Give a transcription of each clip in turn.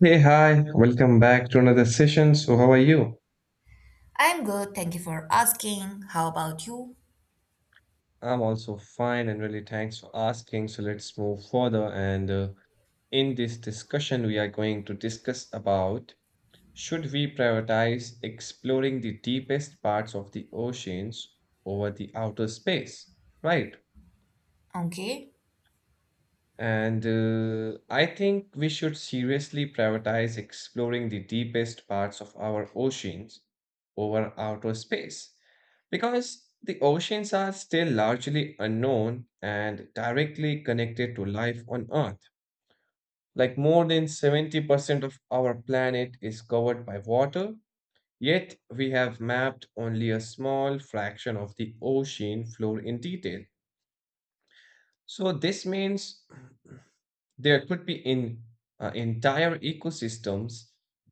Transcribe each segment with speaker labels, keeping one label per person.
Speaker 1: Hey, hi, welcome back to another session. So, how are you?
Speaker 2: I'm good, thank you for asking. How about you?
Speaker 1: I'm also fine and really thanks for asking. So, let's move further. And in this discussion, we are going to discuss about should we prioritize exploring the deepest parts of the oceans over the outer space, right?
Speaker 2: Okay.
Speaker 1: And I think we should seriously prioritize exploring the deepest parts of our oceans over outer space because the oceans are still largely unknown and directly connected to life on Earth. Like more than 70% of our planet is covered by water, yet we have mapped only a small fraction of the ocean floor in detail. So, this means There could be in entire ecosystems,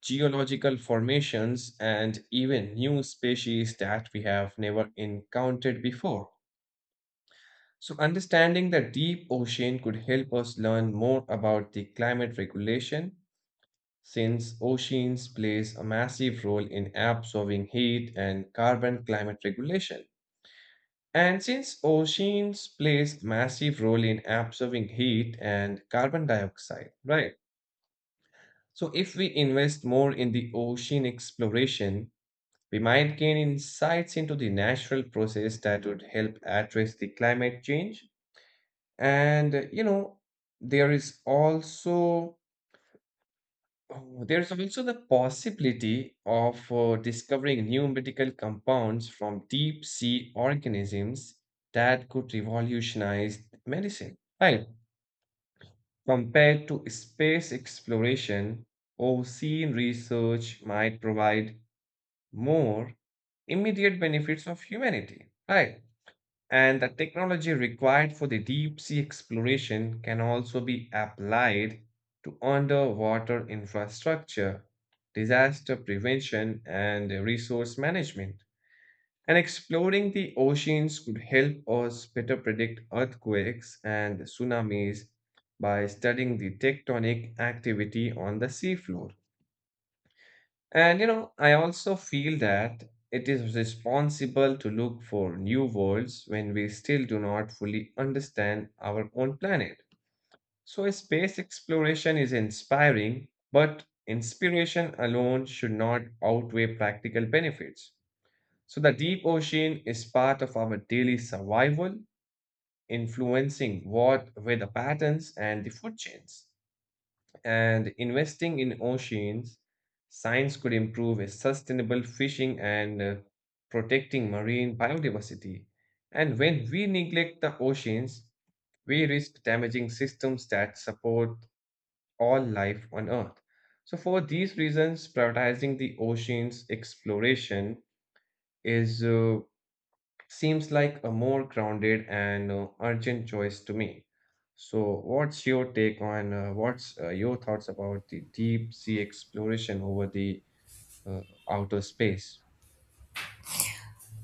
Speaker 1: geological formations, and even new species that we have never encountered before. So, understanding the deep ocean could help us learn more about the climate regulation, since oceans plays a massive role in absorbing heat and carbon climate regulation. And since oceans plays massive role in absorbing heat and carbon dioxide, right? So, if we invest more in the ocean exploration, we might gain insights into the natural process that would help address the climate change. And you know, there is also oh, there is also the possibility of discovering new medical compounds from deep sea organisms that could revolutionize medicine. Right. Compared to space exploration, ocean research might provide more immediate benefits of humanity, right? And the technology required for the deep sea exploration can also be applied to underwater infrastructure, disaster prevention, and resource management. And exploring the oceans could help us better predict earthquakes and tsunamis by studying the tectonic activity on the seafloor. And you know, I also feel that it is responsible to look for new worlds when we still do not fully understand our own planet. So, a space exploration is inspiring, but inspiration alone should not outweigh practical benefits. So, the deep ocean is part of our daily survival, influencing what weather patterns and the food chains and investing in oceans, science could improve a sustainable fishing and protecting marine biodiversity. And when we neglect the oceans, we risk damaging systems that support all life on Earth. So, for these reasons, prioritizing the oceans exploration is seems like a more grounded and urgent choice to me. So, what's your thoughts about the deep sea exploration over the uh, outer space?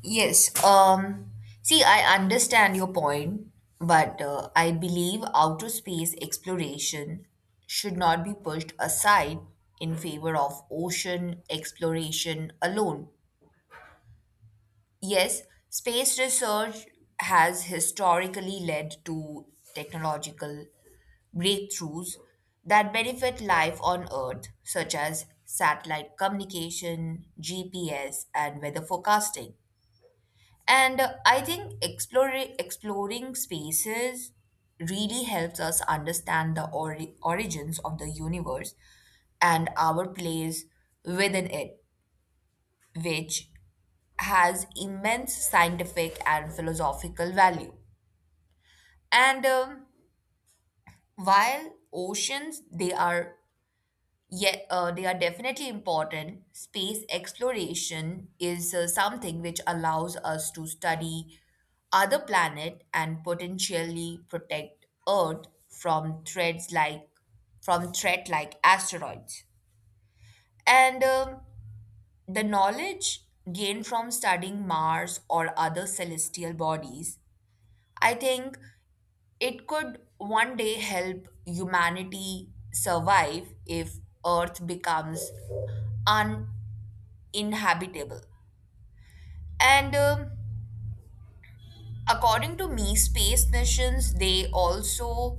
Speaker 2: Yes, um, See, I understand your point, but I believe outer space exploration should not be pushed aside in favor of ocean exploration alone. Yes, space research has historically led to technological breakthroughs that benefit life on Earth, such as satellite communication, GPS, and weather forecasting. And I think exploring spaces really helps us understand the origins of the universe and our place within it, which has immense scientific and philosophical value. And While oceans they are definitely important, space exploration is something which allows us to study other planet and potentially protect Earth from threats like from threat like asteroids. And The knowledge gained from studying Mars or other celestial bodies, I think it could one day help humanity survive if Earth becomes uninhabitable. And According to me, space missions they also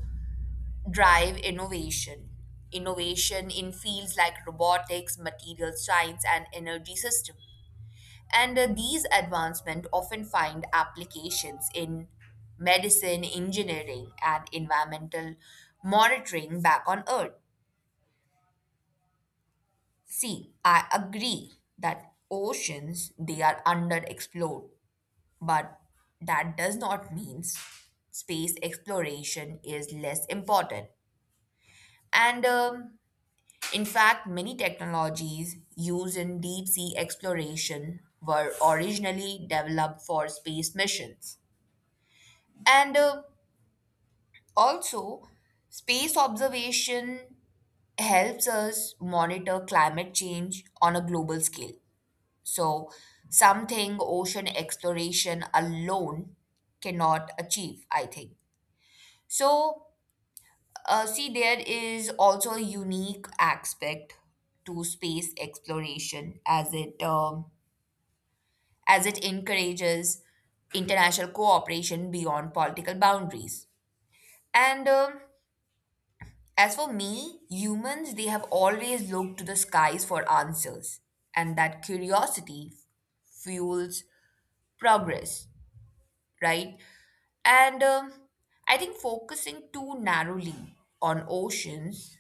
Speaker 2: drive innovation. Innovation in fields like robotics, material science, and energy systems. And These advancements often find applications in medicine, engineering, and environmental monitoring back on Earth. See, I agree that oceans they are underexplored, but that does not mean space exploration is less important. And In fact, many technologies used in deep sea exploration were originally developed for space missions. And Also, space observation helps us monitor climate change on a global scale. So, something ocean exploration alone cannot achieve, I think. So, see, there is also a unique aspect to space exploration as it encourages international cooperation beyond political boundaries. And As for me, humans, they have always looked to the skies for answers, and that curiosity fuels progress, right? And I think focusing too narrowly on oceans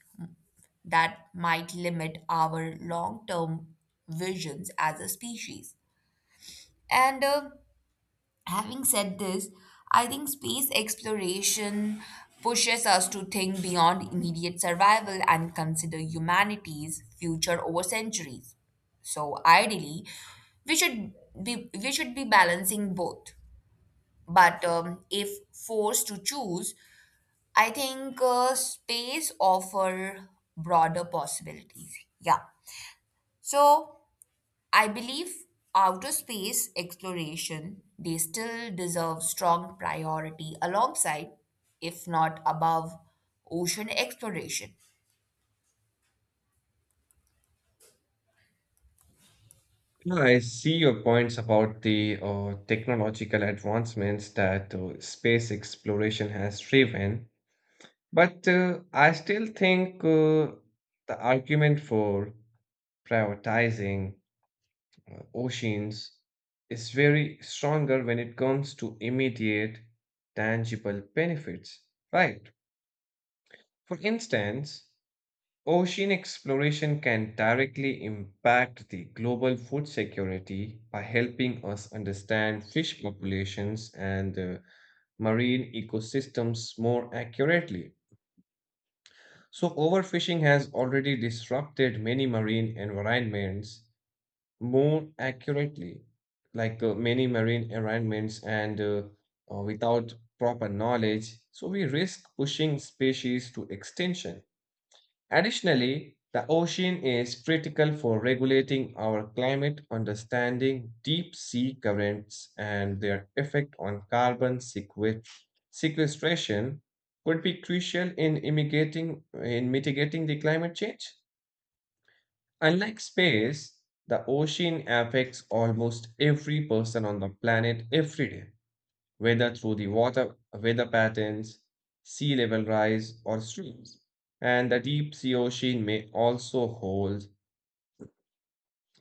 Speaker 2: that might limit our long term visions as a species. And Having said this, I think space exploration pushes us to think beyond immediate survival and consider humanity's future over centuries. So ideally, we should we should be balancing both. But If forced to choose, I think space offer broader possibilities. Yeah. So I believe outer space exploration they still deserve strong priority alongside, if not above, ocean exploration.
Speaker 1: No, I see your points about the technological advancements that space exploration has driven, but I still think the argument for prioritizing oceans is very stronger when it comes to immediate tangible benefits, right? For instance, ocean exploration can directly impact the global food security by helping us understand fish populations and marine ecosystems more accurately. So overfishing has already disrupted many marine environments more accurately, like many marine environments and without proper knowledge, so we risk pushing species to extinction. Additionally, the ocean is critical for regulating our climate, understanding deep sea currents and their effect on carbon sequestration could be crucial in mitigating the climate change. Unlike space, the ocean affects almost every person on the planet every day, whether through the water weather patterns, sea level rise, or streams. And the deep sea ocean may also hold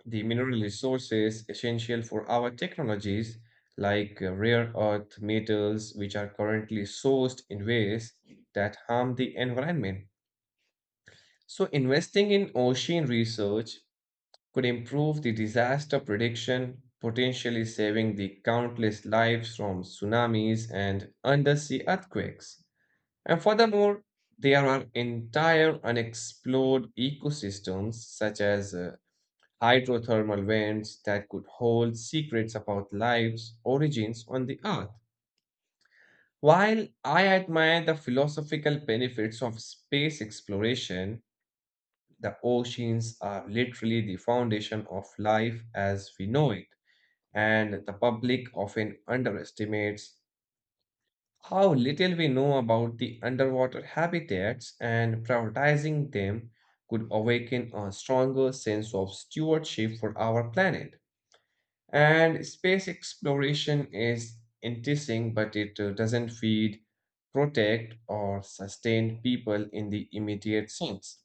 Speaker 1: the mineral resources essential for our technologies, like rare earth metals, which are currently sourced in ways that harm the environment. So, investing in ocean research could improve the disaster prediction, potentially saving the countless lives from tsunamis and undersea earthquakes. And furthermore, there are entire unexplored ecosystems such as hydrothermal vents that could hold secrets about life's origins on the Earth. While I admire the philosophical benefits of space exploration, the oceans are literally the foundation of life as we know it. And the public often underestimates how little we know about the underwater habitats, and prioritizing them could awaken a stronger sense of stewardship for our planet. And space exploration is interesting, but it doesn't feed, protect, or sustain people in the immediate sense.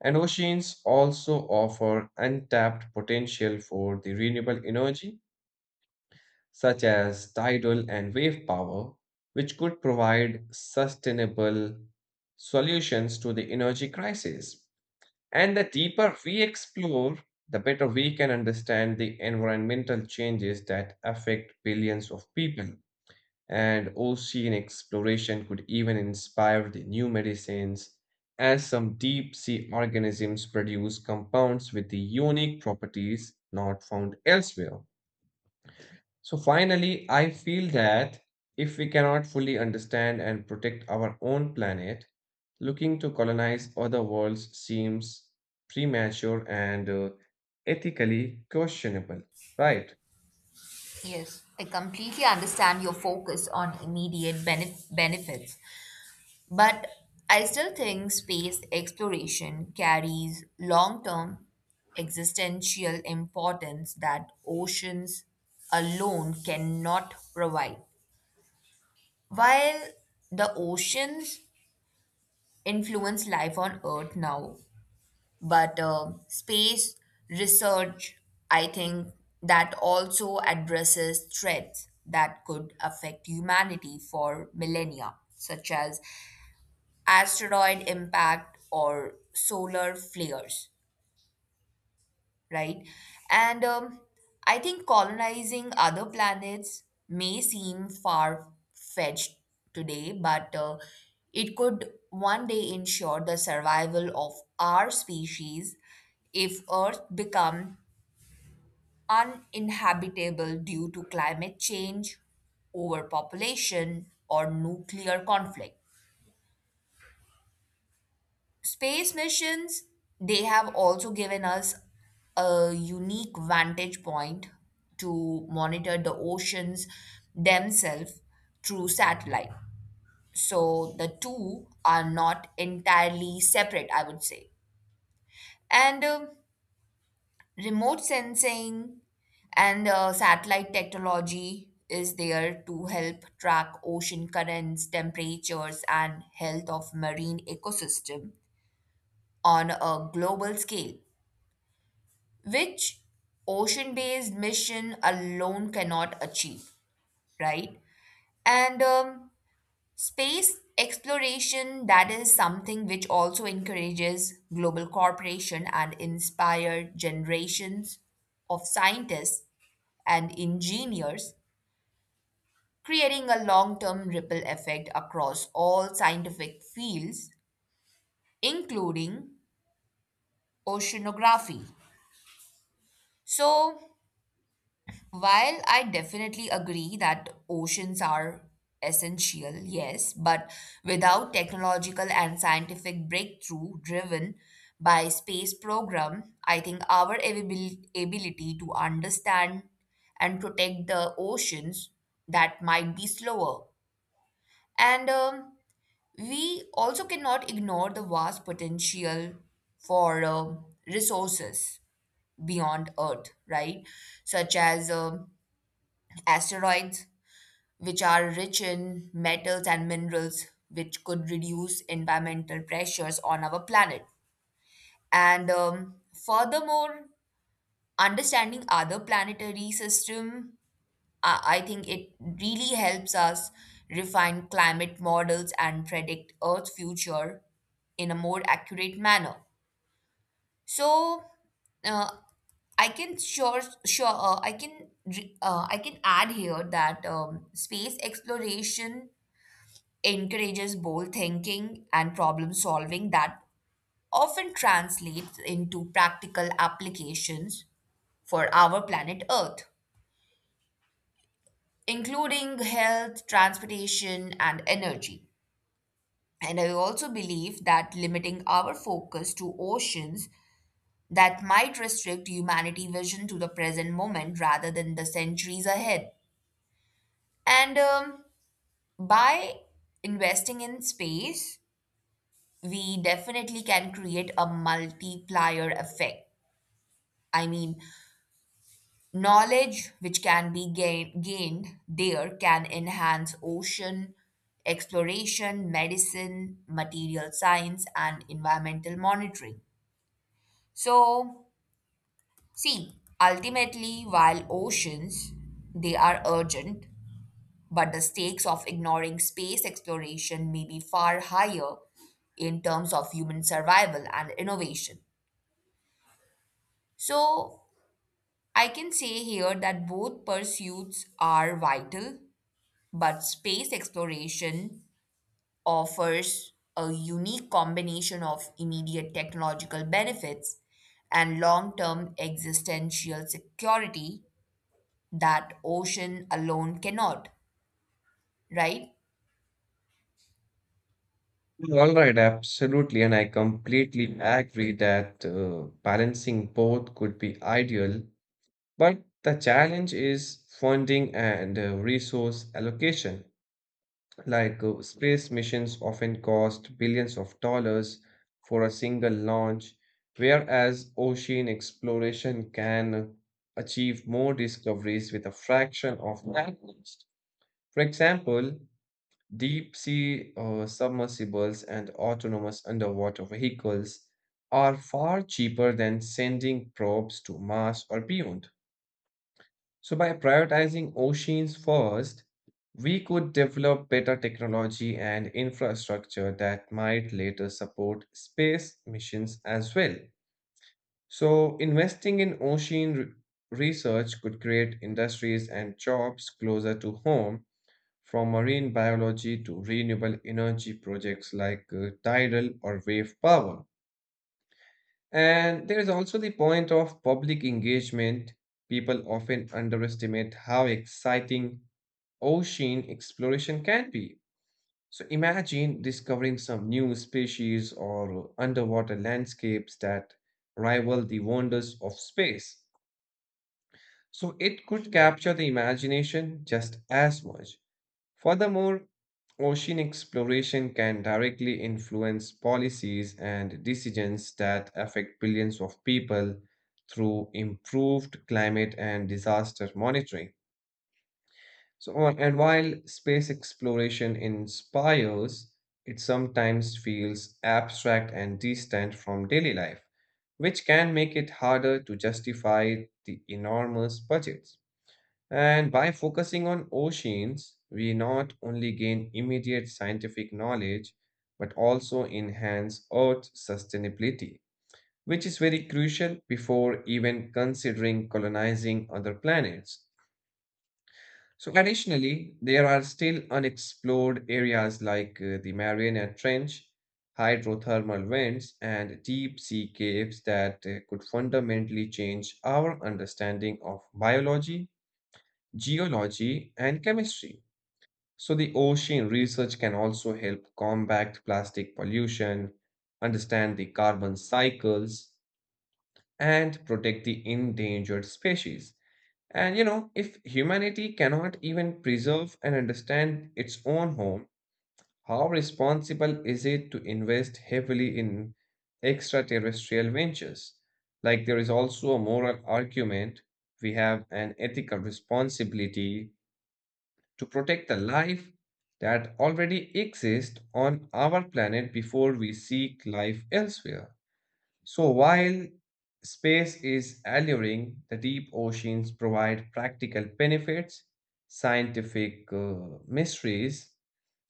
Speaker 1: And oceans also offer untapped potential for the renewable energy such as tidal and wave power, which could provide sustainable solutions to the energy crisis. And the deeper we explore, the better we can understand the environmental changes that affect billions of people. And ocean exploration could even inspire the new medicines, as some deep sea organisms produce compounds with the unique properties not found elsewhere. So finally, I feel that if we cannot fully understand and protect our own planet, looking to colonize other worlds seems premature and ethically questionable, right?
Speaker 2: Yes, I completely understand your focus on immediate benefits, but I still think space exploration carries long-term existential importance that oceans alone cannot provide. While the oceans influence life on Earth now. But space research, I think, that also addresses threats that could affect humanity for millennia, such as asteroid impact or solar flares, right? And I think colonizing other planets may seem far fetched today, but it could one day ensure the survival of our species if Earth become uninhabitable due to climate change, overpopulation, or nuclear conflict. Space missions, they have also given us a unique vantage point to monitor the oceans themselves through satellite. So the two are not entirely separate, I would say. And Remote sensing and satellite technology is there to help track ocean currents, temperatures, and health of marine ecosystem on a global scale, which ocean based mission alone cannot achieve, right? And Space exploration, that is something which also encourages global cooperation and inspire generations of scientists and engineers, creating a long term ripple effect across all scientific fields, including oceanography. So, while I definitely agree that oceans are essential, yes, but without technological and scientific breakthrough driven by space program, I think our ability to understand and protect the oceans that might be slower. And We also cannot ignore the vast potential for resources beyond Earth, right? Such as asteroids which are rich in metals and minerals, which could reduce environmental pressures on our planet. And Furthermore, understanding other planetary system, I think it really helps us refine climate models and predict Earth's future in a more accurate manner. So, uh, I can sure sure I can re- I can add here that space exploration encourages bold thinking and problem solving that often translates into practical applications for our planet Earth, including health, transportation, and energy. And I also believe that limiting our focus to oceans that might restrict humanity vision to the present moment rather than the centuries ahead. And By investing in space, we definitely can create a multiplier effect. I mean, knowledge which can be gained there can enhance ocean exploration, medicine, material science, and environmental monitoring. So, see, ultimately, while oceans they are urgent, but the stakes of ignoring space exploration may be far higher in terms of human survival and innovation. So, I can say here that both pursuits are vital, but space exploration offers a unique combination of immediate technological benefits and long term existential security that ocean alone cannot, right?
Speaker 1: All right, absolutely. And I completely agree that balancing both could be ideal, but the challenge is funding and resource allocation. Like space missions often cost billions of dollars for a single launch, whereas ocean exploration can achieve more discoveries with a fraction of that cost. For example, deep sea submersibles and autonomous underwater vehicles are far cheaper than sending probes to Mars or beyond. So, by prioritizing oceans first, we could develop better technology and infrastructure that might later support space missions as well. So, investing in research could create industries and jobs closer to home, from marine biology to renewable energy projects like tidal or wave power. And there is also the point of public engagement. People often underestimate how exciting ocean exploration can be. So imagine discovering some new species or underwater landscapes that rival the wonders of space. So it could capture the imagination just as much. Furthermore, ocean exploration can directly influence policies and decisions that affect billions of people through improved climate and disaster monitoring. So, wh- and while space exploration inspires, it sometimes feels abstract and distant from daily life, which can make it harder to justify the enormous budgets. And by focusing on oceans, we not only gain immediate scientific knowledge, but also enhance Earth sustainability, which is very crucial before even considering colonizing other planets. So, additionally, there are still unexplored areas like the Mariana Trench, hydrothermal vents, and deep sea caves that could fundamentally change our understanding of biology, geology, and chemistry. So, the ocean research can also help combat plastic pollution, understand the carbon cycles, and protect the endangered species. And you know, if humanity cannot even preserve and understand its own home, how responsible is it to invest heavily in extraterrestrial ventures? Like, there is also a moral argument. We have an ethical responsibility to protect the life that already exists on our planet before we seek life elsewhere. So while space is alluring, the deep oceans provide practical benefits, scientific mysteries,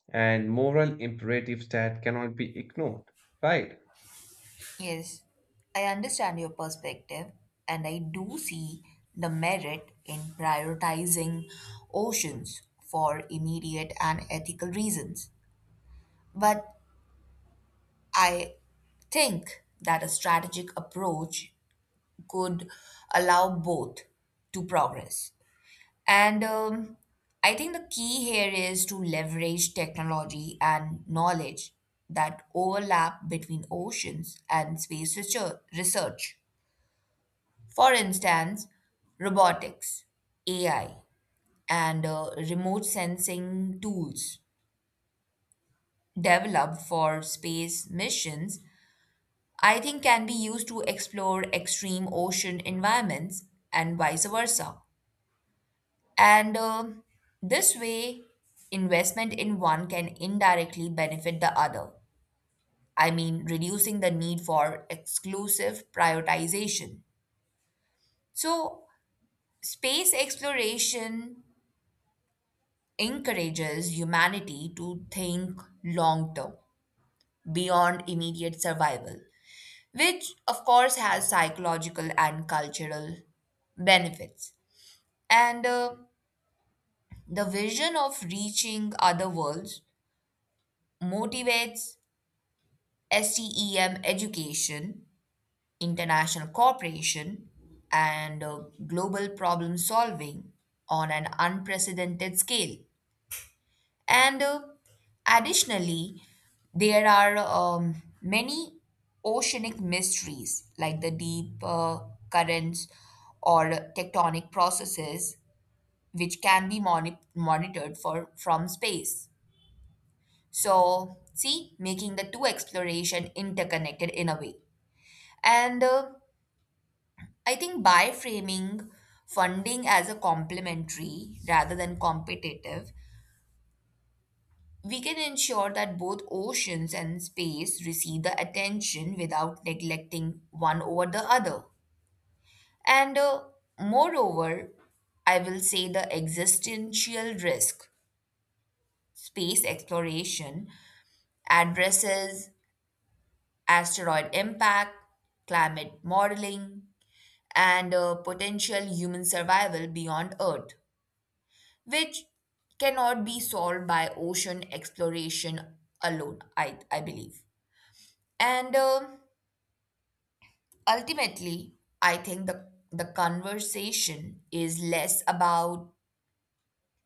Speaker 1: and moral imperatives that cannot be ignored, right?
Speaker 2: Yes, I understand your perspective, and I do see the merit in prioritizing oceans for immediate and ethical reasons. But I think that a strategic approach could allow both to progress. And I think the key here is to leverage technology and knowledge that overlap between oceans and space research. For instance, robotics, AI, and remote sensing tools developed for space missions I think can be used to explore extreme ocean environments and vice versa. And this way, investment in one can indirectly benefit the other. I mean, reducing the need for exclusive prioritization. So, space exploration encourages humanity to think long term, beyond immediate survival, which, of course, has psychological and cultural benefits. And The vision of reaching other worlds motivates STEM education, international cooperation, and global problem solving on an unprecedented scale. And Additionally, there are many oceanic mysteries like the deep currents or tectonic processes which can be monitored for from space. So, see, making the two exploration interconnected in a way. And I think by framing funding as a complementary rather than competitive, we can ensure that both oceans and space receive the attention without neglecting one over the other. And Moreover, I will say the existential risk space exploration addresses asteroid impact, climate modeling, and potential human survival beyond Earth, which cannot be solved by ocean exploration alone, I believe. And ultimately, I think the conversation is less about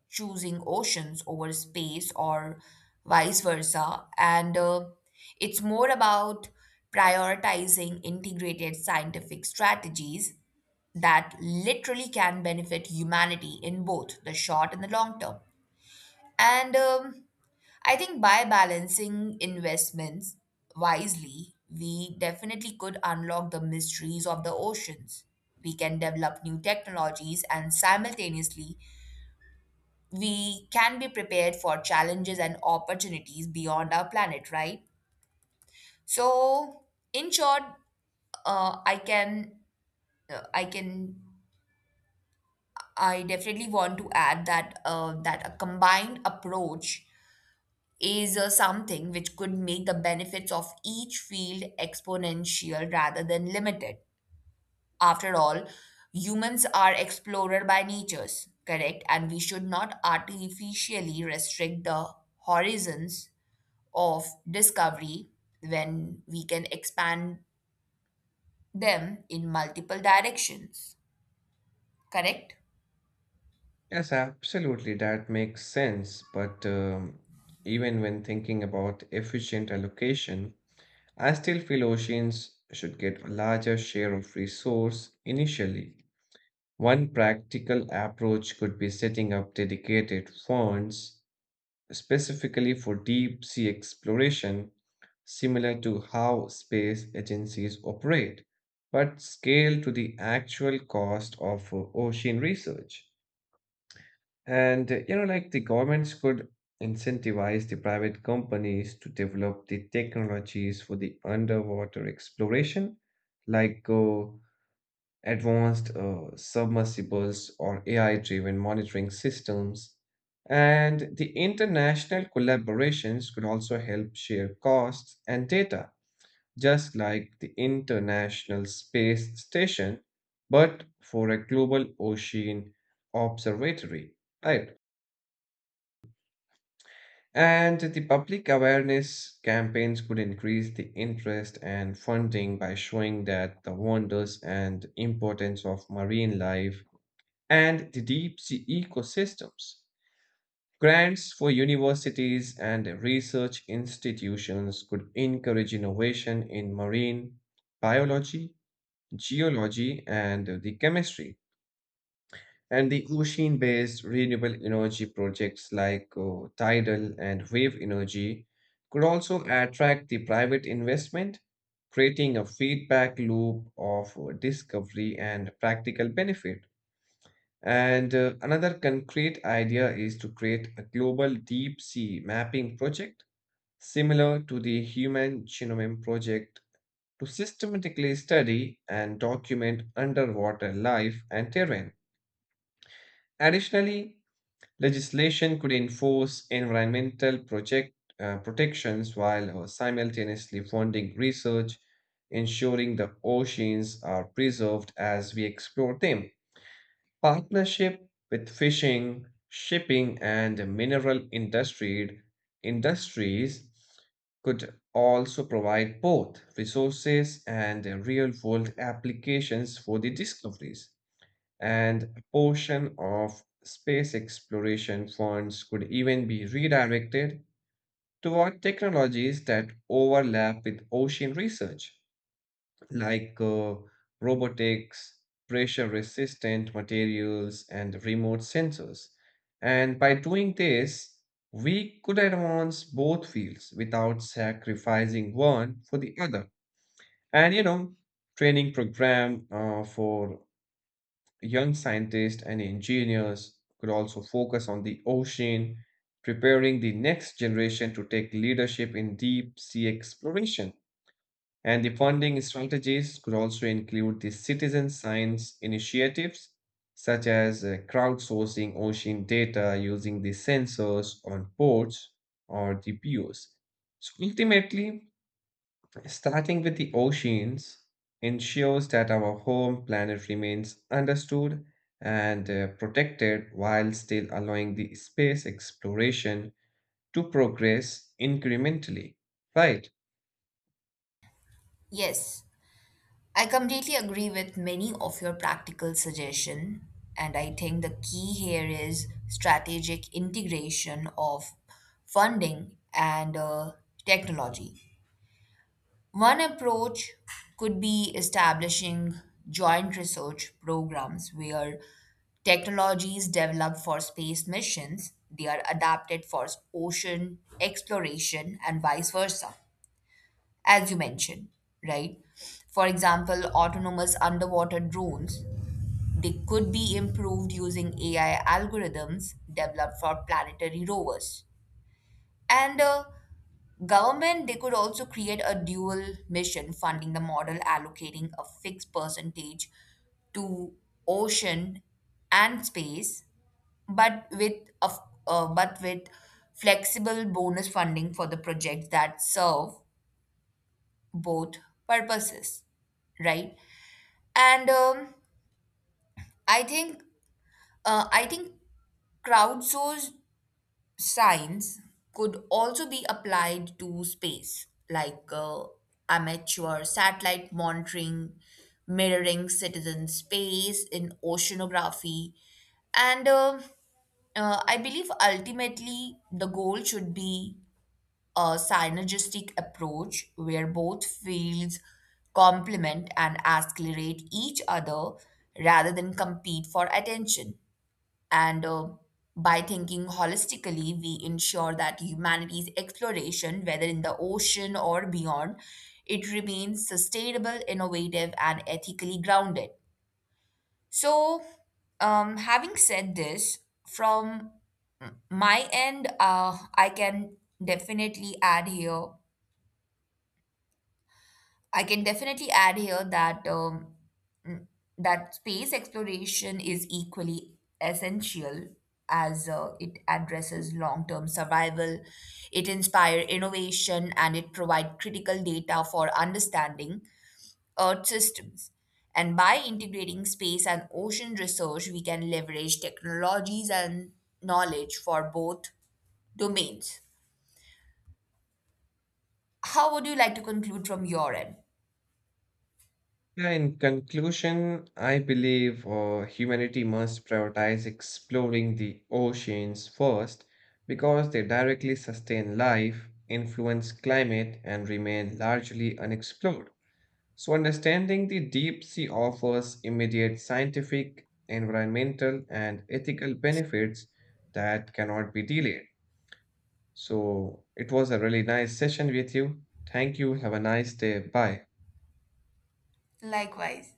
Speaker 2: choosing oceans over space or vice versa, and it's more about prioritizing integrated scientific strategies that literally can benefit humanity in both the short and the long term. And I think by balancing investments wisely, we definitely could unlock the mysteries of the oceans. We can develop new technologies, and simultaneously, we can be prepared for challenges and opportunities beyond our planet, right? So, in short, uh, I can uh, I can I definitely want to add that that a combined approach is something which could make the benefits of each field exponential rather than limited. After all, humans are explorer by natures, correct? And we should not artificially restrict the horizons of discovery when we can expand them in multiple directions, correct?
Speaker 1: Yes, absolutely. That makes sense. But even when thinking about efficient allocation, I still feel oceans should get a larger share of resource initially. One practical approach could be setting up dedicated funds specifically for deep sea exploration, similar to how space agencies operate, but scaled to the actual cost of ocean research. And you know, like the governments could incentivize the private companies to develop the technologies for the underwater exploration, like advanced submersibles or AI driven monitoring systems. And the international collaborations could also help share costs and data, just like the International Space Station, but for a global ocean observatory. Right. And the public awareness campaigns could increase the interest and funding by showing that the wonders and importance of marine life and the deep sea ecosystems. Grants for universities and research institutions could encourage innovation in marine biology, geology, and the chemistry. And the ocean based renewable energy projects like tidal and wave energy could also attract the private investment, creating a feedback loop of discovery and practical benefit. And Another concrete idea is to create a global deep sea mapping project similar to the Human Genome Project to systematically study and document underwater life and terrain. Additionally, legislation could enforce environmental project protections while simultaneously funding research, ensuring the oceans are preserved as we explore them. Partnership with fishing, shipping, and industries could also provide both resources and real world applications for the discoveries. And a portion of space exploration funds could even be redirected toward technologies that overlap with ocean research like robotics, pressure resistant materials, and remote sensors. And by doing this, we could advance both fields without sacrificing one for the other. And you know, training program for young scientists and engineers could also focus on the ocean, preparing the next generation to take leadership in deep sea exploration. And the funding strategies could also include the citizen science initiatives, such as crowdsourcing ocean data using the sensors on boats or the piers. So ultimately, starting with the oceans ensures that our home planet remains understood and protected while still allowing the space exploration to progress incrementally. Right.
Speaker 2: Yes. I completely agree with many of your practical suggestions, and I think the key here is strategic integration of funding and technology. One approach could be establishing joint research programs where technologies developed for space missions they are adapted for ocean exploration and vice versa, as you mentioned, right? For example, autonomous underwater drones, they could be improved using AI algorithms developed for planetary rovers. And Government, they could also create a dual mission funding the model, allocating a fixed percentage to ocean and space, but with of but with flexible bonus funding for the projects that serve both purposes, right? and I think I think crowdsourced science could also be applied to space, like amateur satellite monitoring mirroring citizen space in oceanography. And I believe ultimately the goal should be a synergistic approach where both fields complement and accelerate each other rather than compete for attention. And By thinking holistically, we ensure that humanity's exploration, whether in the ocean or beyond, it remains sustainable, innovative, and ethically grounded. So, having said this, from my end, definitely add here I can definitely add here that that space exploration is equally essential, as it addresses long-term survival, it inspires innovation, and it provides critical data for understanding Earth systems. And by integrating space and ocean research, we can leverage technologies and knowledge for both domains. How would you like to conclude from your end?
Speaker 1: Yeah, in conclusion, I believe humanity must prioritize exploring the oceans first because they directly sustain life, influence climate, and remain largely unexplored. So, understanding the deep sea offers immediate scientific, environmental, and ethical benefits that cannot be delayed. So, it was a really nice session with you. Thank you. Have a nice day. Bye.
Speaker 2: Likewise.